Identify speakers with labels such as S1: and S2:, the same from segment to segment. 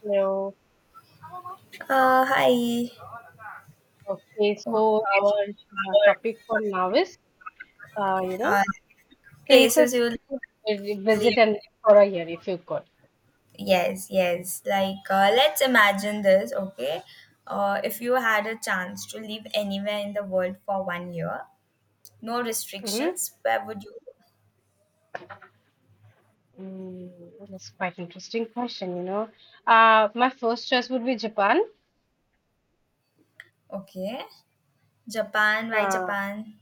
S1: Hello.
S2: Hi.
S1: Okay,
S2: Oh,
S1: so our topic for now is, uh, you
S2: Uh,
S1: know,
S2: places
S1: places
S2: you
S1: to visit
S2: live.
S1: and live for a year if you could.
S2: Yes, yes. Like, let's imagine this, okay? If you had a chance to live anywhere in the world for 1 year, no
S1: hmm
S2: restrictions, where would you?
S1: Mm, that's quite interesting question. My first choice would be Japan.
S2: Okay. Japan, why
S1: Uh,
S2: Japan?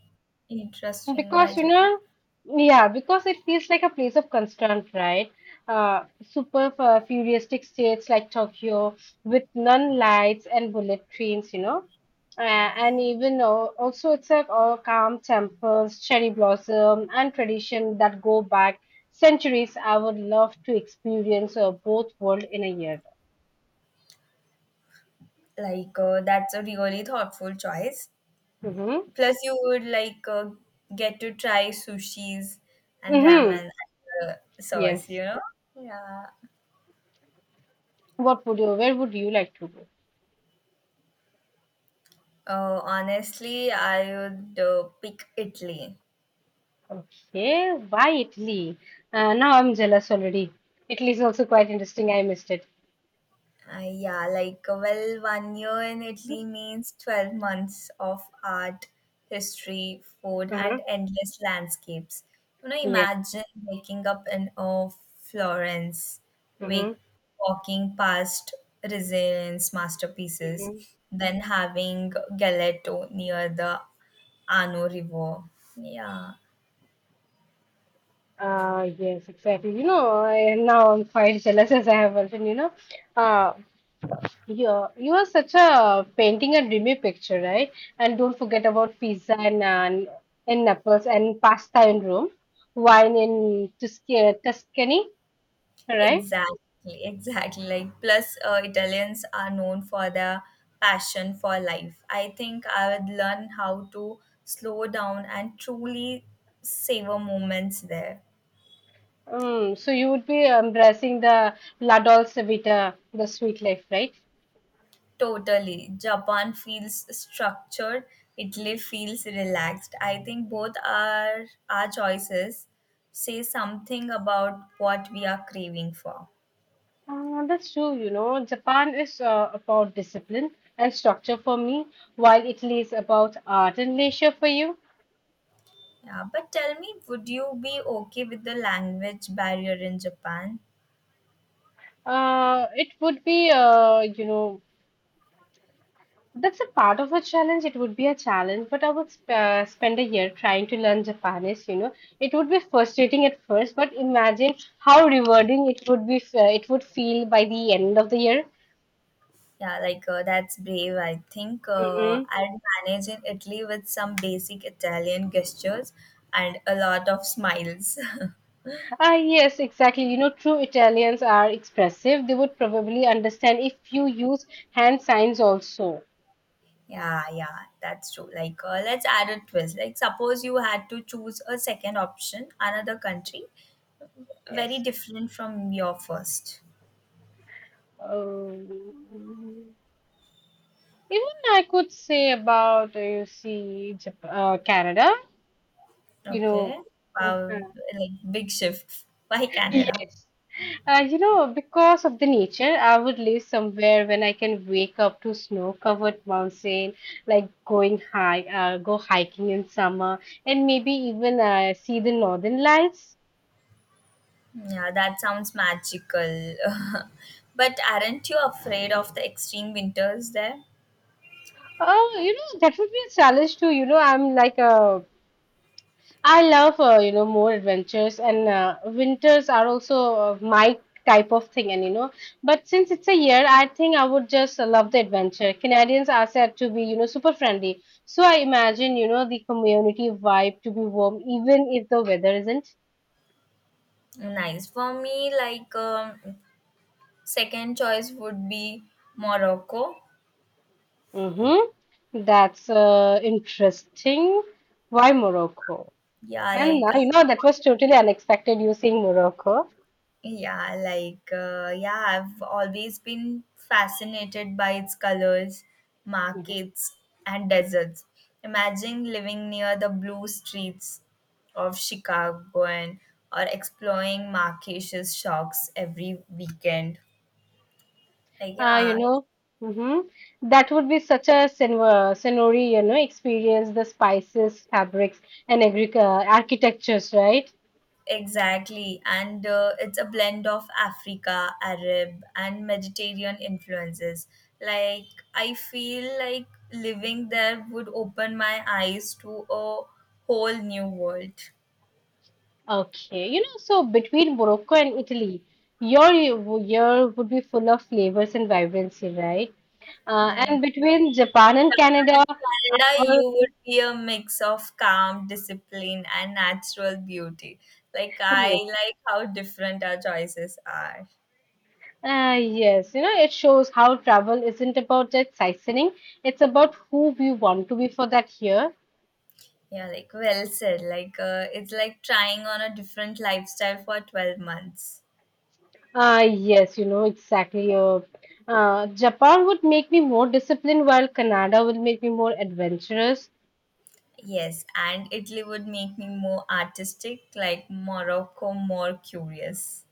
S2: Interesting, why
S1: Because, you
S2: Japan?
S1: know, yeah, because it feels like a place of concern, right? Super futuristic states like Tokyo with neon lights and bullet trains. Uh, and even also, it's like all calm temples, cherry blossom, and tradition that go back centuries. I would love to experience both world in a year.
S2: Like, that's a really thoughtful choice.
S1: Mm-hmm.
S2: Plus, you would like get to try sushis and
S1: Mm-hmm.
S2: ramen and uh, sauce,
S1: Yes.
S2: you know? Yeah.
S1: What would you? Where would you like to go?
S2: Oh, honestly, I would pick Italy.
S1: Okay, why Italy? Now I'm jealous already. Italy is also quite interesting. I missed it.
S2: Yeah, like, well, 1 year in Italy means 12 months of art, history, food,
S1: Mm-hmm.
S2: and endless landscapes. You know,
S1: Yes.
S2: imagine waking up in Florence, wake,
S1: Mm-hmm.
S2: walking past Resilience masterpieces,
S1: Mm-hmm.
S2: then having Galeto near the Arno River. Yeah.
S1: Yes, exactly. Now I'm quite jealous as I have mentioned, you know. Uh, you you are such a painting and dreamy picture, right? And don't forget about pizza and in Naples and pasta in Rome, wine in Tuscany, right?
S2: Exactly, exactly. Like, plus, Italians are known for their passion for life. I think I would learn how to slow down and truly savor moments there.
S1: So you would be embracing the La Dolce Vita, the sweet life, right?
S2: Totally. Japan feels structured, Italy feels relaxed. I think both are our choices say something about what we are craving for.
S1: That's true. Japan is about discipline and structure for me, while Italy is about art and leisure for you.
S2: Yeah, but tell me, would you be okay with the language barrier in Japan?
S1: It would be, you know, that's a part of a challenge. It would be a challenge, but I would sp spend a year trying to learn Japanese. It would be frustrating at first, but imagine how rewarding it would feel by the end of the
S2: Yeah, like that's brave. I think
S1: year.
S2: I'd manage in Italy with some basic Italian gestures and a lot of smiles.
S1: Ah, yes, exactly. True Italians are expressive. They would probably understand if you use hand signs also.
S2: Yeah, yeah, that's true. Like, let's add a twist. Like, suppose you had to choose a second option, another country, very
S1: Yes.
S2: different from your first.
S1: Um, even I could say about, you see, Canada, you know.
S2: Okay. Wow, like big shift. Why Canada?
S1: Yes. Because of the nature, I would live somewhere when I can wake up to snow-covered mountain, like go hiking in summer, and maybe even see the northern lights.
S2: Yeah, that sounds magical. But aren't you afraid of the extreme winters there?
S1: That would be a challenge too. I love more adventures and winters are also my type of thing. But since it's a year, I think I would just love the adventure. Canadians are said to be super friendly, so I imagine the community vibe to be warm even if the weather isn't.
S2: Nice. For me, like second choice would be Morocco.
S1: Mm-hmm. That's interesting. Why Morocco?
S2: Yeah,
S1: And
S2: like uh,
S1: now that was totally unexpected. You saying Morocco.
S2: yeah, I've always been fascinated by its colors, markets, and deserts. Imagine living near the blue streets of Chicago and or exploring Marrakesh shops every weekend. Like,
S1: Ah,
S2: yeah,
S1: mhm. That would be such a senori, experience the spices, fabrics, and architectures, right?
S2: exactly, and it's a blend of Africa, Arab, and Mediterranean influences. Like, I feel like living there would open my eyes to a whole new world.
S1: Okay, so between Morocco and Italy, your year would be full of flavors and vibrancy, right? Uh,
S2: Yeah.
S1: and between Japan and Canada,
S2: In Canada,
S1: our
S2: you would be a mix of calm, discipline, and natural beauty. Like, I
S1: yes,
S2: like how different our choices are.
S1: yes, it shows how travel isn't about just sightseeing; it's about who we want to be for that year.
S2: Yeah, like, well said. Like, it's like trying on a different lifestyle for 12 months.
S1: Yes, exactly. Japan would make me more disciplined, while Canada will make me more adventurous.
S2: Yes, and Italy would make me more artistic, like Morocco more curious.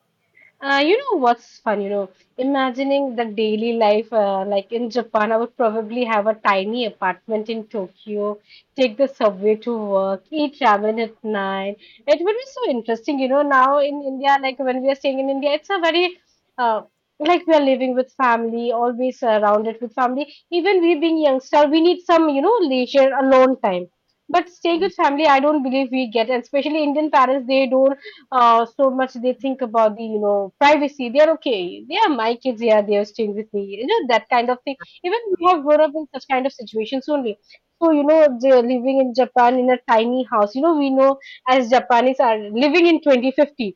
S1: You know what's fun, imagining the daily life like in Japan, I would probably have a tiny apartment in Tokyo, take the subway to work, eat ramen at night. It would be so interesting, now in India, like when we are staying in India, it's a very, uh, like we are living with family, always surrounded with family. Even we being youngster, we need some, leisure, alone time. But staying
S2: Mm,
S1: with family, I don't believe we get, and especially Indian parents, they don't so much they think about the privacy. They are okay, they are my kids, yeah, they are staying with me, that kind of thing. Even we have grown up in such kind of situations only. So they're living in Japan in a tiny house, we know, as Japanese are living in 2050,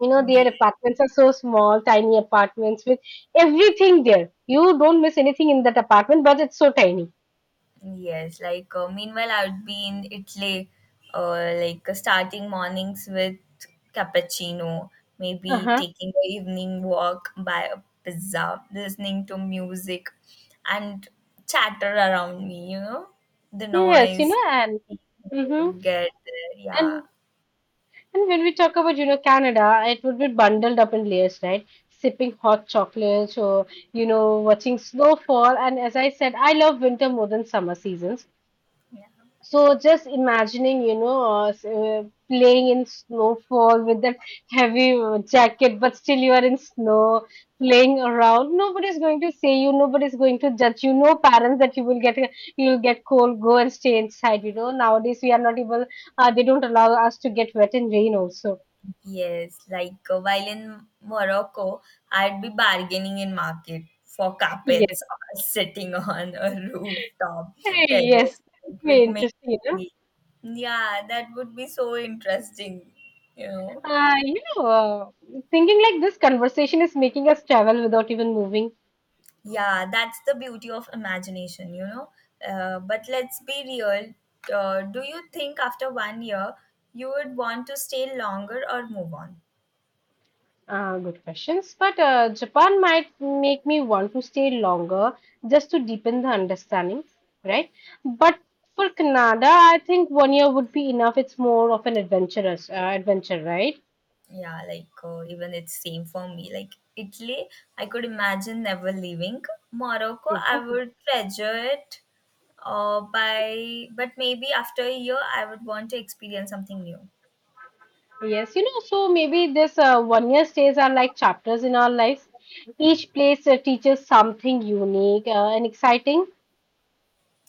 S2: yeah.
S1: their apartments are so small. Tiny apartments with everything there. You don't miss anything in that apartment, but it's so tiny.
S2: Yes, like meanwhile, I would be in Italy, starting mornings with cappuccino, maybe
S1: Uh-huh,
S2: taking an evening walk by a pizza, listening to music, and chatter around me, you know, the
S1: yes,
S2: noise
S1: and mm-hmm.
S2: would get there. Yeah.
S1: And when we talk about, Canada, it would be bundled up in layers, right? Sipping hot chocolates or, watching snowfall. And as I said, I love winter more than summer seasons.
S2: Yeah.
S1: So just imagining, playing in snowfall with that heavy jacket, but still you are in snow, playing around. Nobody's going to say you, nobody's going to judge you. No parents that you will get, you'll get cold, go and stay inside. Nowadays we are not able, they don't allow us to get wet in rain also.
S2: Yes, like while in Morocco, I'd be bargaining in market for
S1: Yes.
S2: carpets or sitting on a rooftop
S1: Hey,
S2: terrace,
S1: yes.
S2: like, with
S1: Very interesting.
S2: me. Yeah, that would be so interesting, you know.
S1: Uh, you know, uh, thinking like this conversation is making us travel without even moving.
S2: Yeah, that's the beauty of imagination, you know. But let's be real. Do you think after 1 year you would want to stay longer or move on?
S1: Good questions. But Japan might make me want to stay longer just to deepen the understanding, right? But for Canada, I think one year would be enough. It's more of an adventurous adventure, right?
S2: Yeah, like even it's same for me. Like Italy, I could imagine never leaving. Morocco, I would treasure it. By but maybe after a year, I would want to experience something new.
S1: Yes, so maybe this one year stays are like chapters in our lives. Each place teaches something unique and exciting.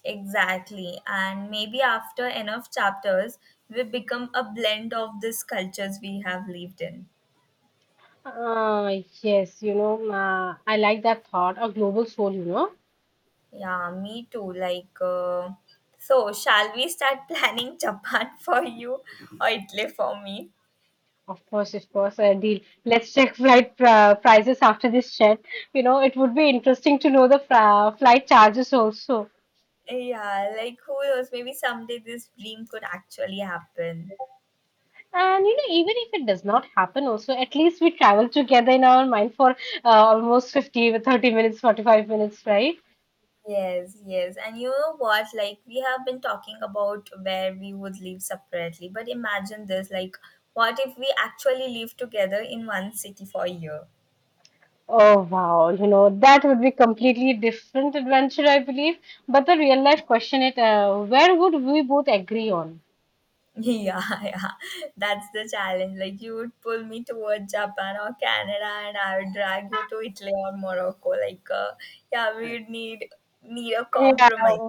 S2: Exactly, and maybe after enough chapters, we become a blend of these cultures we have lived in.
S1: Uh, yes, I like that thought. A global soul.
S2: Yeah, me too. Like, so shall we start planning Japan for you or Italy for me?
S1: Of course, deal. Let's check flight prices after this chat. It would be interesting to know the flight charges also.
S2: Yeah, like who knows? Maybe someday this dream could actually happen.
S1: And even if it does not happen, also at least we travel together in our mind for almost 50, 30 minutes, 45 minutes, right?
S2: Yes, yes. And you know what? Like, we have been talking about where we would live separately, but imagine this, like, what if we actually live together in one city for a year?
S1: Oh wow, that would be completely different adventure, I believe. But the real life question it where would we both agree on?
S2: Yeah, yeah. That's the challenge. Like, you would pull me towards Japan or Canada, and I would drag you to Italy or Morocco. Like, yeah, we would need a compromise.
S1: Yeah,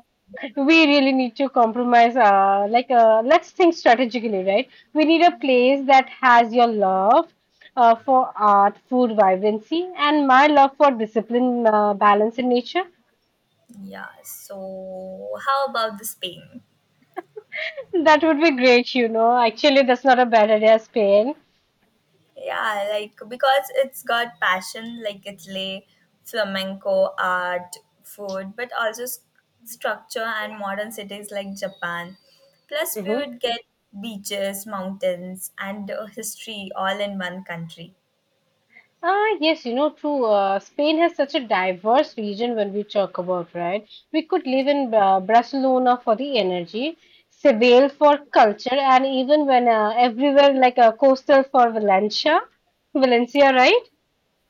S1: we really need to compromise. Like, let's think strategically, right? We need a place that has your love for art, food, vibrancy, and my love for discipline, balance, and nature.
S2: Yeah, so how about the Spain?
S1: That would be great. Actually, that's not a bad idea, Spain.
S2: Yeah, like because it's got passion, like Italy, flamenco, art, food, but also structure and modern cities like Japan. Plus, we
S1: Mhm.
S2: would get beaches, mountains, and history all in one country.
S1: Ah, yes, true. Spain has such a diverse region when we talk about, right? We could live in Barcelona for the energy, Seville for culture, and even when everywhere like coastal for Valencia, right?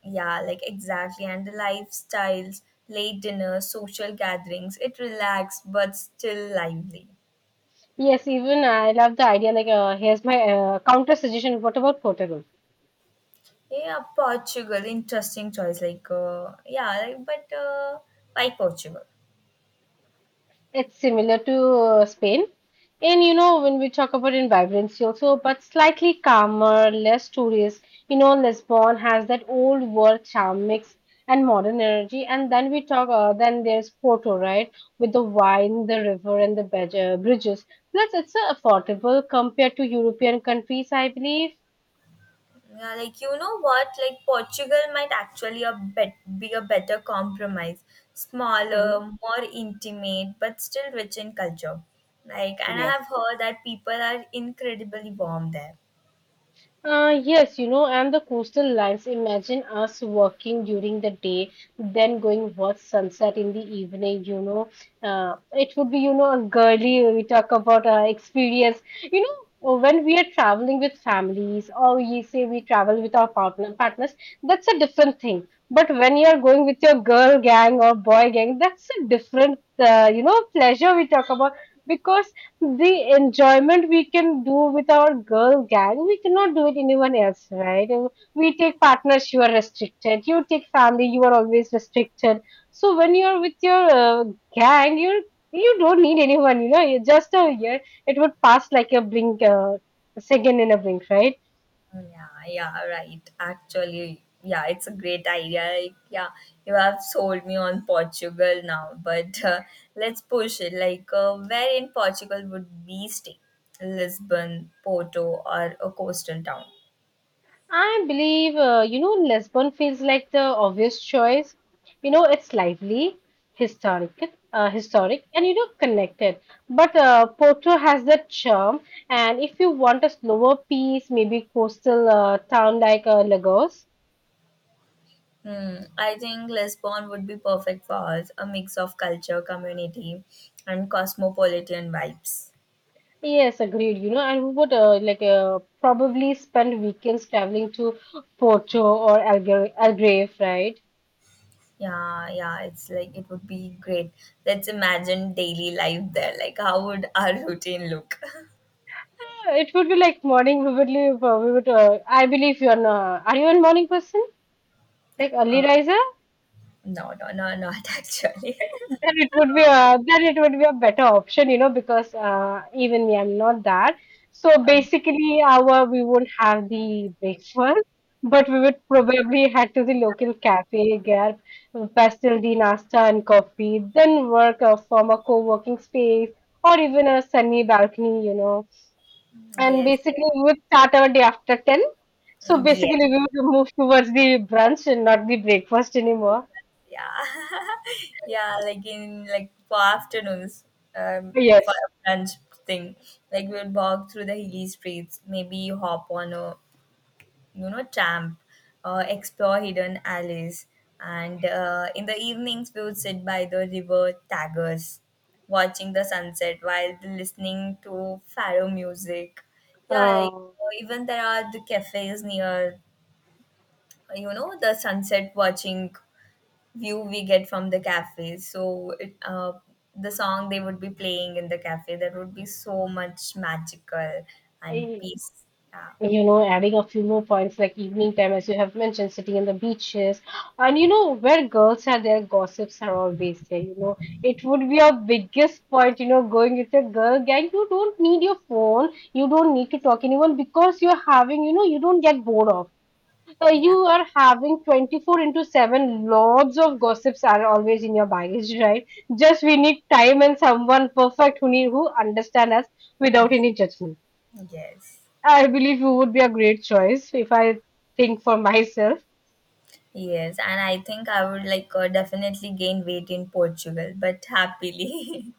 S2: Yeah, like exactly. And the lifestyles, late dinners, social gatherings, it relaxed but still lively.
S1: Yes, even I love the idea. Like, here's my counter suggestion. What about Portugal?
S2: Yeah, Portugal, interesting choice. Like, yeah, like, but why Portugal?
S1: It's similar to Spain. When we talk about in vibrancy also, but slightly calmer, less tourist. Lisbon has that old world charm mix and modern energy. And then there's Porto, right? With the wine, the river, and the bridges. Plus, it's affordable compared to European countries, I believe.
S2: Yeah, like you know what? Like Portugal might actually a bet be a better compromise.
S1: Hmm.
S2: Smaller, more intimate, but still rich in culture. Like, and I
S1: Yes.
S2: have heard that people are incredibly warm there.
S1: Yes, and the coastal lines. Imagine us working during the day, then going watch sunset in the evening. It would be, a girly, we talk about experience. When we are traveling with families or you say we travel with our partners, that's a different thing. But when you're going with your girl gang or boy gang, that's a different, pleasure we talk about. Because the enjoyment we can do with our girl gang, we cannot do it anyone else, right? And we take partners, you are restricted. You take family, you are always restricted. So when you are with your gang, you don't need anyone. You just a year it would pass like a blink, second in a blink, right?
S2: Yeah, yeah, right. Actually, yeah, it's a great idea. Like, yeah, you have sold me on Portugal now, but let's push it. Like, where in Portugal would we stay? Lisbon, Porto, or a coastal town?
S1: I believe, Lisbon feels like the obvious choice. It's lively, historic, historic, and connected. But Porto has that charm. And if you want a slower piece, maybe coastal town like Lagos.
S2: Hmm, I think Lisbon would be perfect for us, a mix of culture, community, and cosmopolitan vibes.
S1: Yes, agreed. And we would like probably spend weekends traveling to Porto or Algarve, right?
S2: Yeah, yeah, it's like it would be great. Let's imagine daily life there. Like, how would our routine look?
S1: It would be like morning. We would leave. We would. I believe you're. Not, are you a morning person? Like
S2: Uh,
S1: early riser,
S2: no, no, no, not actually.
S1: then it would be a then it would be a better option, because even me, I'm not that. So
S2: Um,
S1: basically, our we would have the breakfast, but we would probably head to the local cafe, get pastel the nasta and coffee, then work from a co-working space or even a sunny balcony. And
S2: yes,
S1: basically, we would start our day after 10. So
S2: yes, yes,
S1: basically, we would move towards the brunch and not the breakfast anymore.
S2: yeah, yeah. Like for afternoons, for
S1: Yes.
S2: a brunch thing. Like we would walk through the hilly streets, maybe hop on a, tramp, explore hidden alleys, and in the evenings we would sit by the river Tagus, watching the sunset while listening to faro music. Yeah, like
S1: Uh,
S2: even there are the cafes near, you know, the sunset watching view we get from the cafes. So the song they would be playing in the cafe that would be so much magical and
S1: I,
S2: peace. Yeah,
S1: adding a few more points like evening time, as you have mentioned, sitting in the beaches, and where girls are, their gossips are always there. You know, it would be our biggest point, you know, going with a girl gang. You don't need your phone, you don't need to talk anyone because you're having, you know, you don't get bored of. You
S2: yeah,
S1: are having 24 into 7 lots of gossips are always in your baggage, right? Just we need time and someone perfect who need who understand us
S2: I
S1: without
S2: miss-
S1: any judgment.
S2: yes.
S1: I believe you would be a great choice if I think for myself.
S2: Yes, and I think I would like definitely gain weight in Portugal, but happily.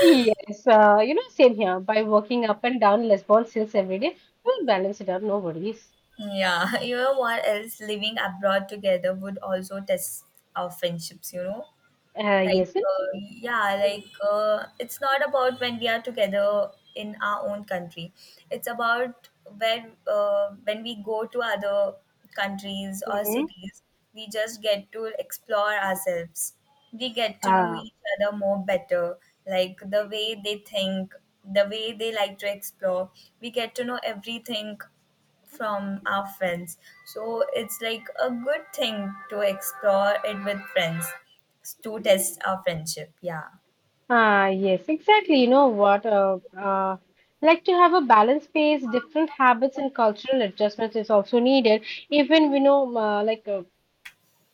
S1: Yes, you know, same here. By working up and down Lisbon since every day, we'll balance it out, no worries.
S2: Yeah, you know what else? Living abroad together would also test our friendships, you know?
S1: Uh,
S2: Like,
S1: yes.
S2: yeah, like it's not about when we are together in our own country. It's about when we go to other countries or
S1: Mm-hmm.
S2: cities, we just get to explore ourselves. We get to know
S1: Uh,
S2: each other more better, like the way they think, the way they like to explore. We get to know everything from our friends. So it's like a good thing to explore it with friends to test our friendship. Yeah.
S1: yes, exactly. You know what? Like to have a balanced pace, different habits and cultural adjustments is also needed. Even, we know,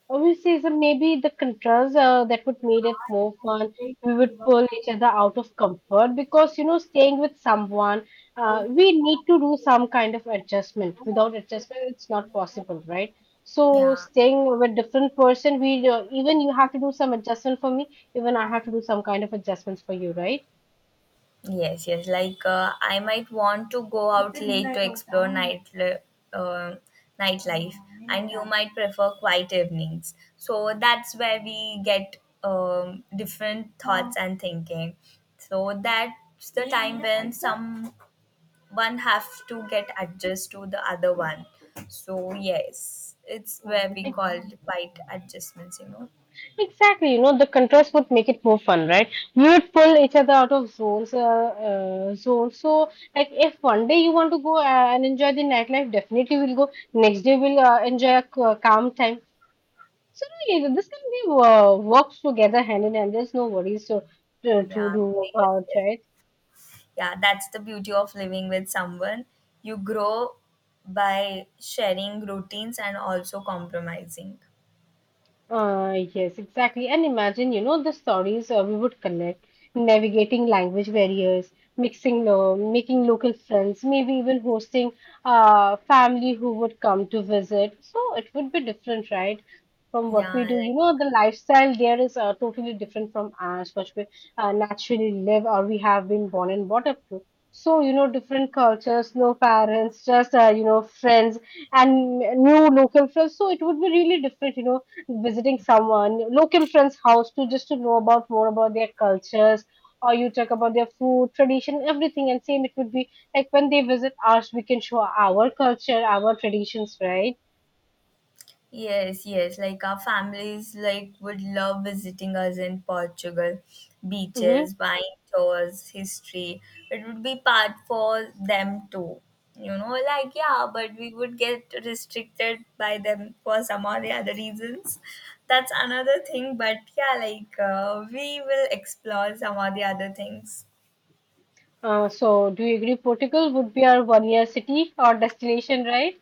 S1: obviously, so maybe the contrast that would made it more fun. We would pull each other out of comfort because, you know, staying with someone, we need to do some kind of adjustment. Without adjustment, it's not possible, right? So
S2: Yeah.
S1: staying with different person, we even you have to do some adjustment for me, even I have to do some kind of adjustments for you, right?
S2: Yes, yes. Like I might want to go out late to explore uh, nightlife, and you might prefer quiet evenings. So that's where we get different thoughts and thinking. So that's the time when some one have to get adjust to the other one, so yes, it's where we
S1: Like,
S2: called quite adjustments, you know.
S1: exactly, you know, the contrast would make it more fun, right? We would pull each other out of zones, zones. So, like, if one day you want to go and enjoy the nightlife, definitely we'll go. Next day we'll enjoy a calm time. So, really, this can be works together hand in hand. There's no worries to
S2: Yeah.
S1: do
S2: Yes,
S1: about,
S2: yes.
S1: right?
S2: Yeah, that's the beauty of living with someone. You grow by sharing routines and also compromising.
S1: Yes, exactly. And imagine, you know, the stories we would connect, navigating language barriers, mixing, lo making local friends, maybe even hosting family who would come to visit. So it would be different, right? From what we
S2: Yeah,
S1: do, you
S2: like,
S1: know, the lifestyle there is totally different from us, what we naturally live or we have been born and brought up to. So, you know, different cultures, no parents, just, you know, friends and new local friends. So it would be really different, you know, visiting someone local friend's house to just to know about more about their cultures, or you talk about their food tradition everything, and same it would be like when they visit us, we can show our culture, our traditions, right?
S2: yes, yes. Like our families like would love visiting us in Portugal.
S1: Mm-hmm.
S2: Beaches, wine tours, history. It would be part for them too. You know, like yeah, but we would get restricted by them for some or the other reasons. That's another thing, but yeah, like we will explore some or the other things.
S1: So do you agree Portugal would be our one year city or destination, right?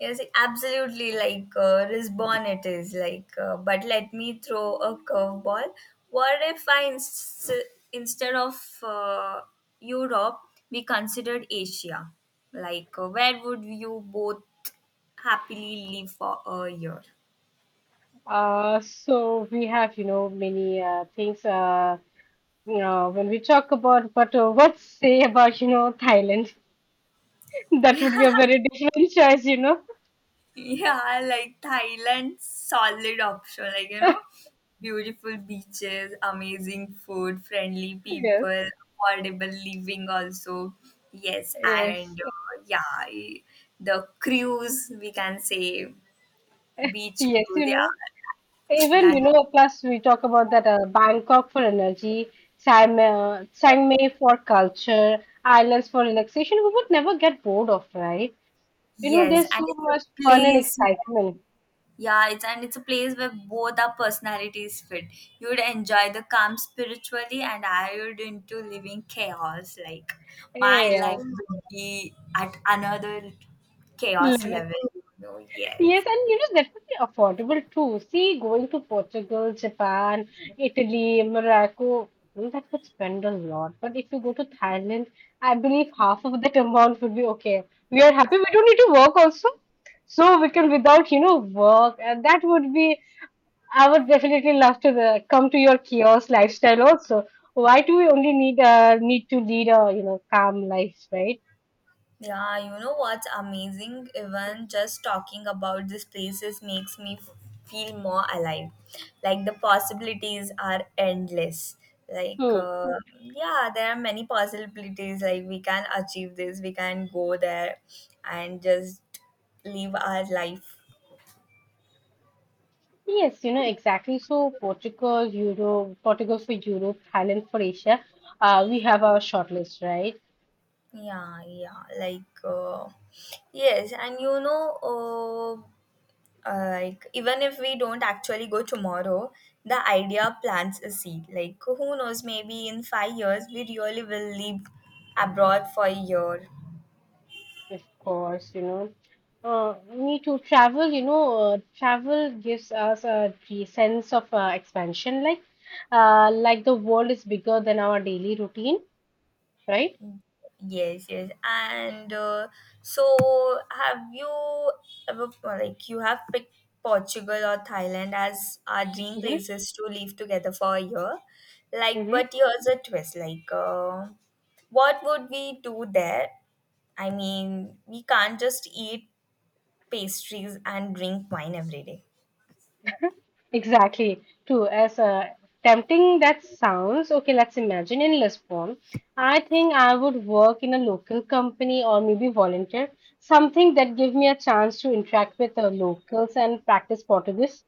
S2: Yes, absolutely. Like Risbon, it is like. But let me throw a curveball. What if I instead of uh, Europe, we considered Asia? Like, where would you both happily live for a year?
S1: So we have, you know, many things, you know, when we talk about, but what say about, you know, Thailand? That would be a very different choice, you know.
S2: Yeah, like Thailand, solid option. Like, you know, beautiful beaches, amazing food, friendly
S1: Yes.
S2: people, affordable living also. Yes, and
S1: Yes,
S2: yeah, the cruise, we can say beach
S1: yes,
S2: cruise.
S1: you know,
S2: Yeah,
S1: even,
S2: that,
S1: you know, plus we talk about that, Bangkok for energy, Chiang Mai for culture, islands for relaxation. We would never get bored of, right? You know,
S2: yes,
S1: there's
S2: and
S1: so much fun and excitement.
S2: It's a place where both our personalities fit. You would enjoy the calm spiritually, and I would into living chaos. Like
S1: Yeah,
S2: my
S1: yeah,
S2: life would be at another chaos
S1: yeah.
S2: level. You know,
S1: Yes,
S2: yes.
S1: and you know, definitely affordable too. See, going to Portugal, Japan, Italy, Morocco, well, that would spend a lot. But if you go to Thailand, I believe half of that amount would be okay. We are happy. We don't need to work also. So we can without, you know, work. And that would be, I would definitely love to the, come to your kiosk lifestyle also. Why do we only need need to lead a, you know, calm life, right?
S2: Yeah, you know what's amazing? Even just talking about these places makes me feel more alive. Like the possibilities are endless. Like,
S1: Hmm.
S2: yeah, there are many possibilities. Like, we can achieve this, we can go there and just live our life.
S1: Yes, you know, exactly. So Portugal, Europe, Portugal for Europe, Thailand for Asia. We have our shortlist, right?
S2: Yeah, yeah, like, yes, and you know, like even if we don't actually go tomorrow, the idea plants a seed. Like, who knows? Maybe in 5 years we really will live abroad for a year.
S1: Of course, you know. Me too. Travel, you know, travel gives us a sense of expansion, like the world is bigger than our daily routine, right?
S2: Yes, yes, and so have you ever like you have picked Portugal or Thailand as our dream
S1: Mm-hmm.
S2: places to live together for a year? Like, but here's a twist. Like, what would we do there? I mean, we can't just eat pastries and drink wine every day.
S1: Exactly. True. As tempting that sounds, okay, let's imagine in Lisbon. I think I would work in a local company or maybe volunteer, something that give me a chance to interact with the locals and practice Portuguese.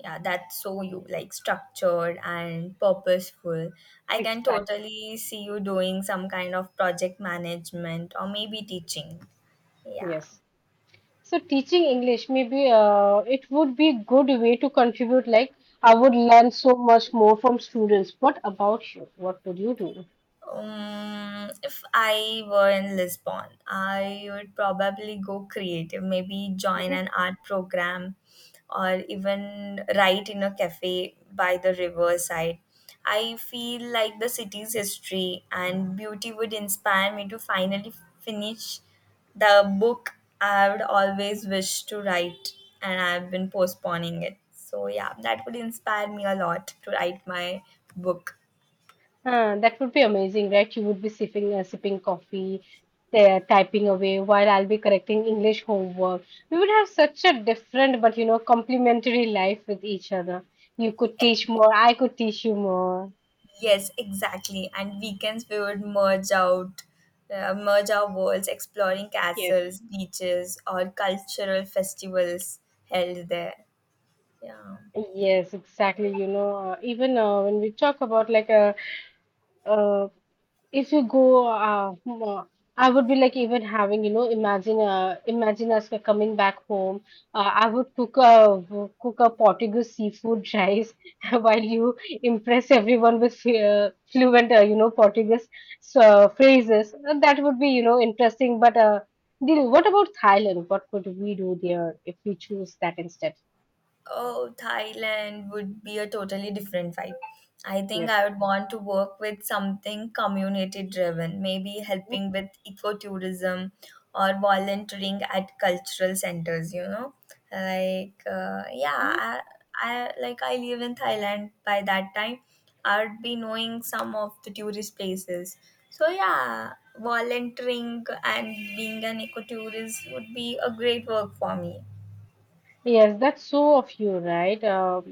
S2: Yeah, that's so you, like structured and purposeful. I can
S1: Exactly.
S2: totally see you doing some kind of project management or maybe teaching. Yeah.
S1: Yes. So teaching English, maybe it would be good way to contribute. Like I would learn so much more from students. What about you? What would you do?
S2: If I were in Lisbon, I would probably go creative, maybe join an art program or even write in a cafe by the riverside. I feel like the city's history and beauty would inspire me to finally finish the book I would always wished to write, and I've been postponing it. So, yeah, that would inspire me a lot to write my book.
S1: That would be amazing, right? You would be sipping coffee, typing away while I'll be correcting English homework. We would have such a different but you know complementary life with each other. You could teach more, I could teach you more.
S2: Yes, exactly. And weekends we would merge our worlds, exploring
S1: Yes.
S2: castles, beaches, or cultural festivals held there. Yeah.
S1: Yes, exactly. You know, even when we talk about like a uh, If you go, mo- I would be like even having, you know, imagine, imagine us coming back home. I would cook a Portuguese seafood rice while you impress everyone with fluent, you know, Portuguese phrases. That would be, you know, interesting. But Dil, what about Thailand? What would we do there if we choose that instead?
S2: Oh, Thailand would be a totally different vibe. I think
S1: Yes.
S2: I would want to work with something community driven, maybe helping with ecotourism or volunteering at cultural centers, you know? Like, yeah, I like I live in Thailand by that time. I'd be knowing some of the tourist places. So yeah, volunteering and being an ecotourist would be a great work for me.
S1: Yes, that's so of you, right? Um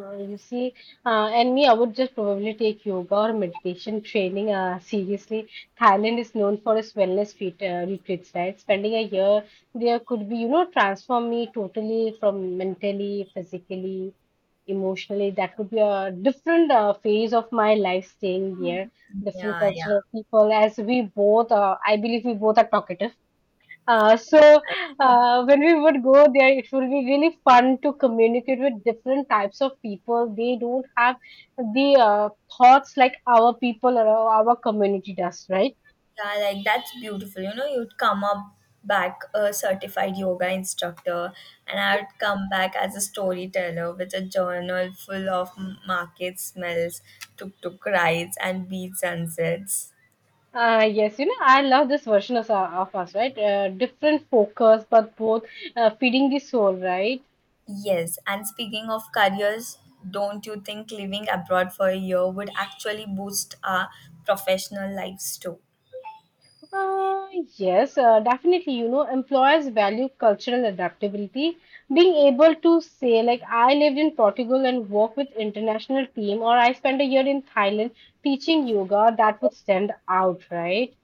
S1: Uh, You see, and me, I would just probably take yoga or meditation training seriously. Thailand is known for its wellness feet, retreats, right? Spending a year there could be, you know, transform me totally from mentally, physically, emotionally. That would be a different phase of my life staying here, different
S2: Yeah, yeah.
S1: cultural people. As we both, I believe we both are talkative. So when we would go there, it will be really fun to communicate with different types of people. They don't have the thoughts like our people or our community does, right?
S2: Yeah, like that's beautiful. You know, you'd come up back a certified yoga instructor, and I would come back as a storyteller with a journal full of market smells, tuk tuk rides, and beach sunsets.
S1: Yes, you know, I love this version of us, right? Different focus, but both feeding the soul, right?
S2: Yes, and speaking of careers, don't you think living abroad for a year would actually boost our professional lives too?
S1: Uh, yes, definitely. You know, employers value cultural adaptability. Being able to say, like, I lived in Portugal and work with international team, or I spent a year in Thailand teaching yoga, that would stand out, right?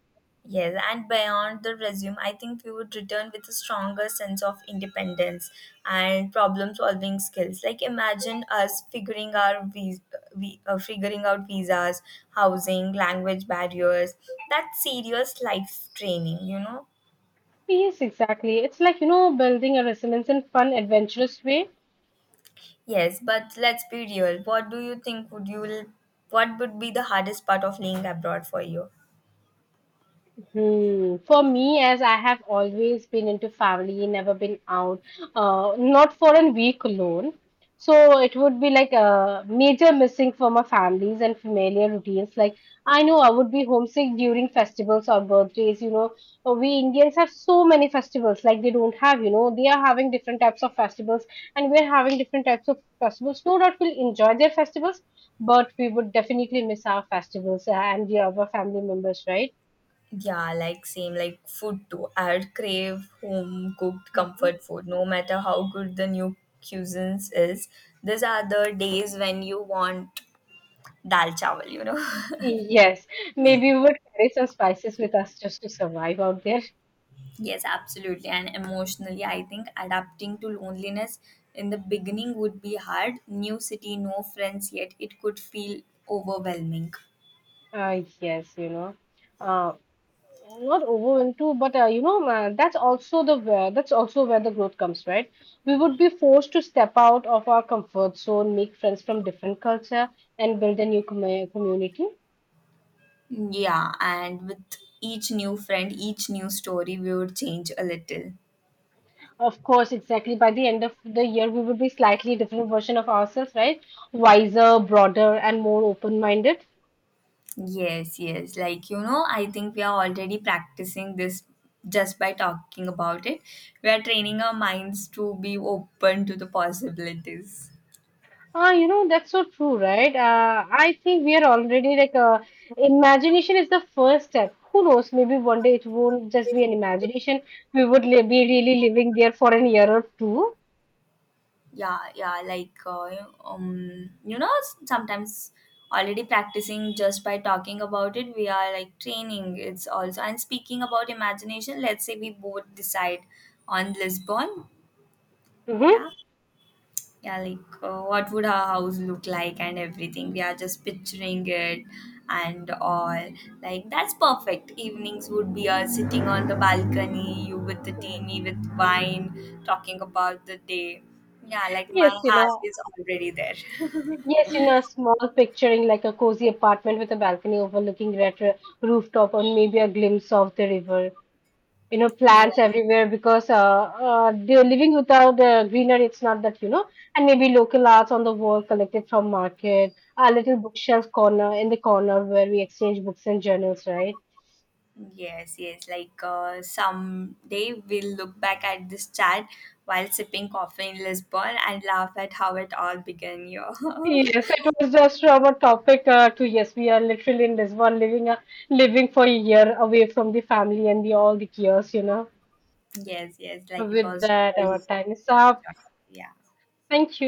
S2: Yes, and beyond the resume, I think we would return with a stronger sense of independence and problem solving skills. Like imagine us figuring out visas, housing, language barriers. That's serious life training, you know.
S1: Yes, exactly. It's like, you know, building a resilience in fun, adventurous way.
S2: Yes, but let's be real. What do you think would you What would be the hardest part of living abroad for you?
S1: Hmm. For me, as I have always been into family, never been out, not for a week alone. So it would be like a major missing for my families and familiar routines. Like I know I would be homesick during festivals or birthdays. You know, we Indians have so many festivals. Like they don't have, you know, they are having different types of festivals, and we're having different types of festivals. No doubt we'll enjoy their festivals, but we would definitely miss our festivals and the other family members, right?
S2: Yeah, like same like food too. I would crave home cooked comfort food, no matter how good the new cuisines is. These are the days when you want dal chawal, you know.
S1: Yes, maybe we would carry some spices with us just to survive out there.
S2: Yes, absolutely. And emotionally, I think adapting to loneliness in the beginning would be hard. New city, no friends yet. It could feel overwhelming.
S1: Yes, you know, uh, not over into, but you know, that's also the where, that's also where the growth comes, right? We would be forced to step out of our comfort zone, make friends from different culture, and build a new community.
S2: Yeah, and with each new friend, each new story, we would change a little.
S1: Of course, exactly. By the end of the year, we would be slightly different version of ourselves, right? Wiser, broader, and more open-minded.
S2: Yes, yes. Like, you know, I think we are already practicing this just by talking about it. We are training our minds to be open to the possibilities.
S1: Ah, you know, that's so true, right? I think we are already like, imagination is the first step. Who knows? Maybe one day it won't just be an imagination. We would li be really living there for an year or two.
S2: Yeah, yeah. Like, you know, sometimes already practicing just by talking about it, we are like training. It's also, and speaking about imagination, let's say we both decide on Lisbon.
S1: Mm-hmm.
S2: Yeah. Yeah, like what would our house look like and everything. We are just picturing it and all. Like, that's perfect. Evenings would be us sitting on the balcony, you with the tea, me with wine, talking about the day. Yeah, like my
S1: Yes, you
S2: heart
S1: know.
S2: is already there.
S1: Yes, in a small picturing like a cozy apartment with a balcony overlooking retro rooftop or maybe a glimpse of the river. You know,
S2: Yes,
S1: plants everywhere because they're living without the greenery. It's not that, you know, and maybe local arts on the wall collected from market, a little bookshelf corner in the corner where we exchange books and journals, right?
S2: yes, yes. Like someday we'll look back at this chat while sipping coffee in Lisbon and laugh at how it all began here.
S1: Yes, it was just our topic to yes, we are literally in this one living for a year away from the family and the all the chaos, you know.
S2: Yes, yes, like it
S1: With
S2: was
S1: that, our time is up.
S2: yeah.
S1: Thank you.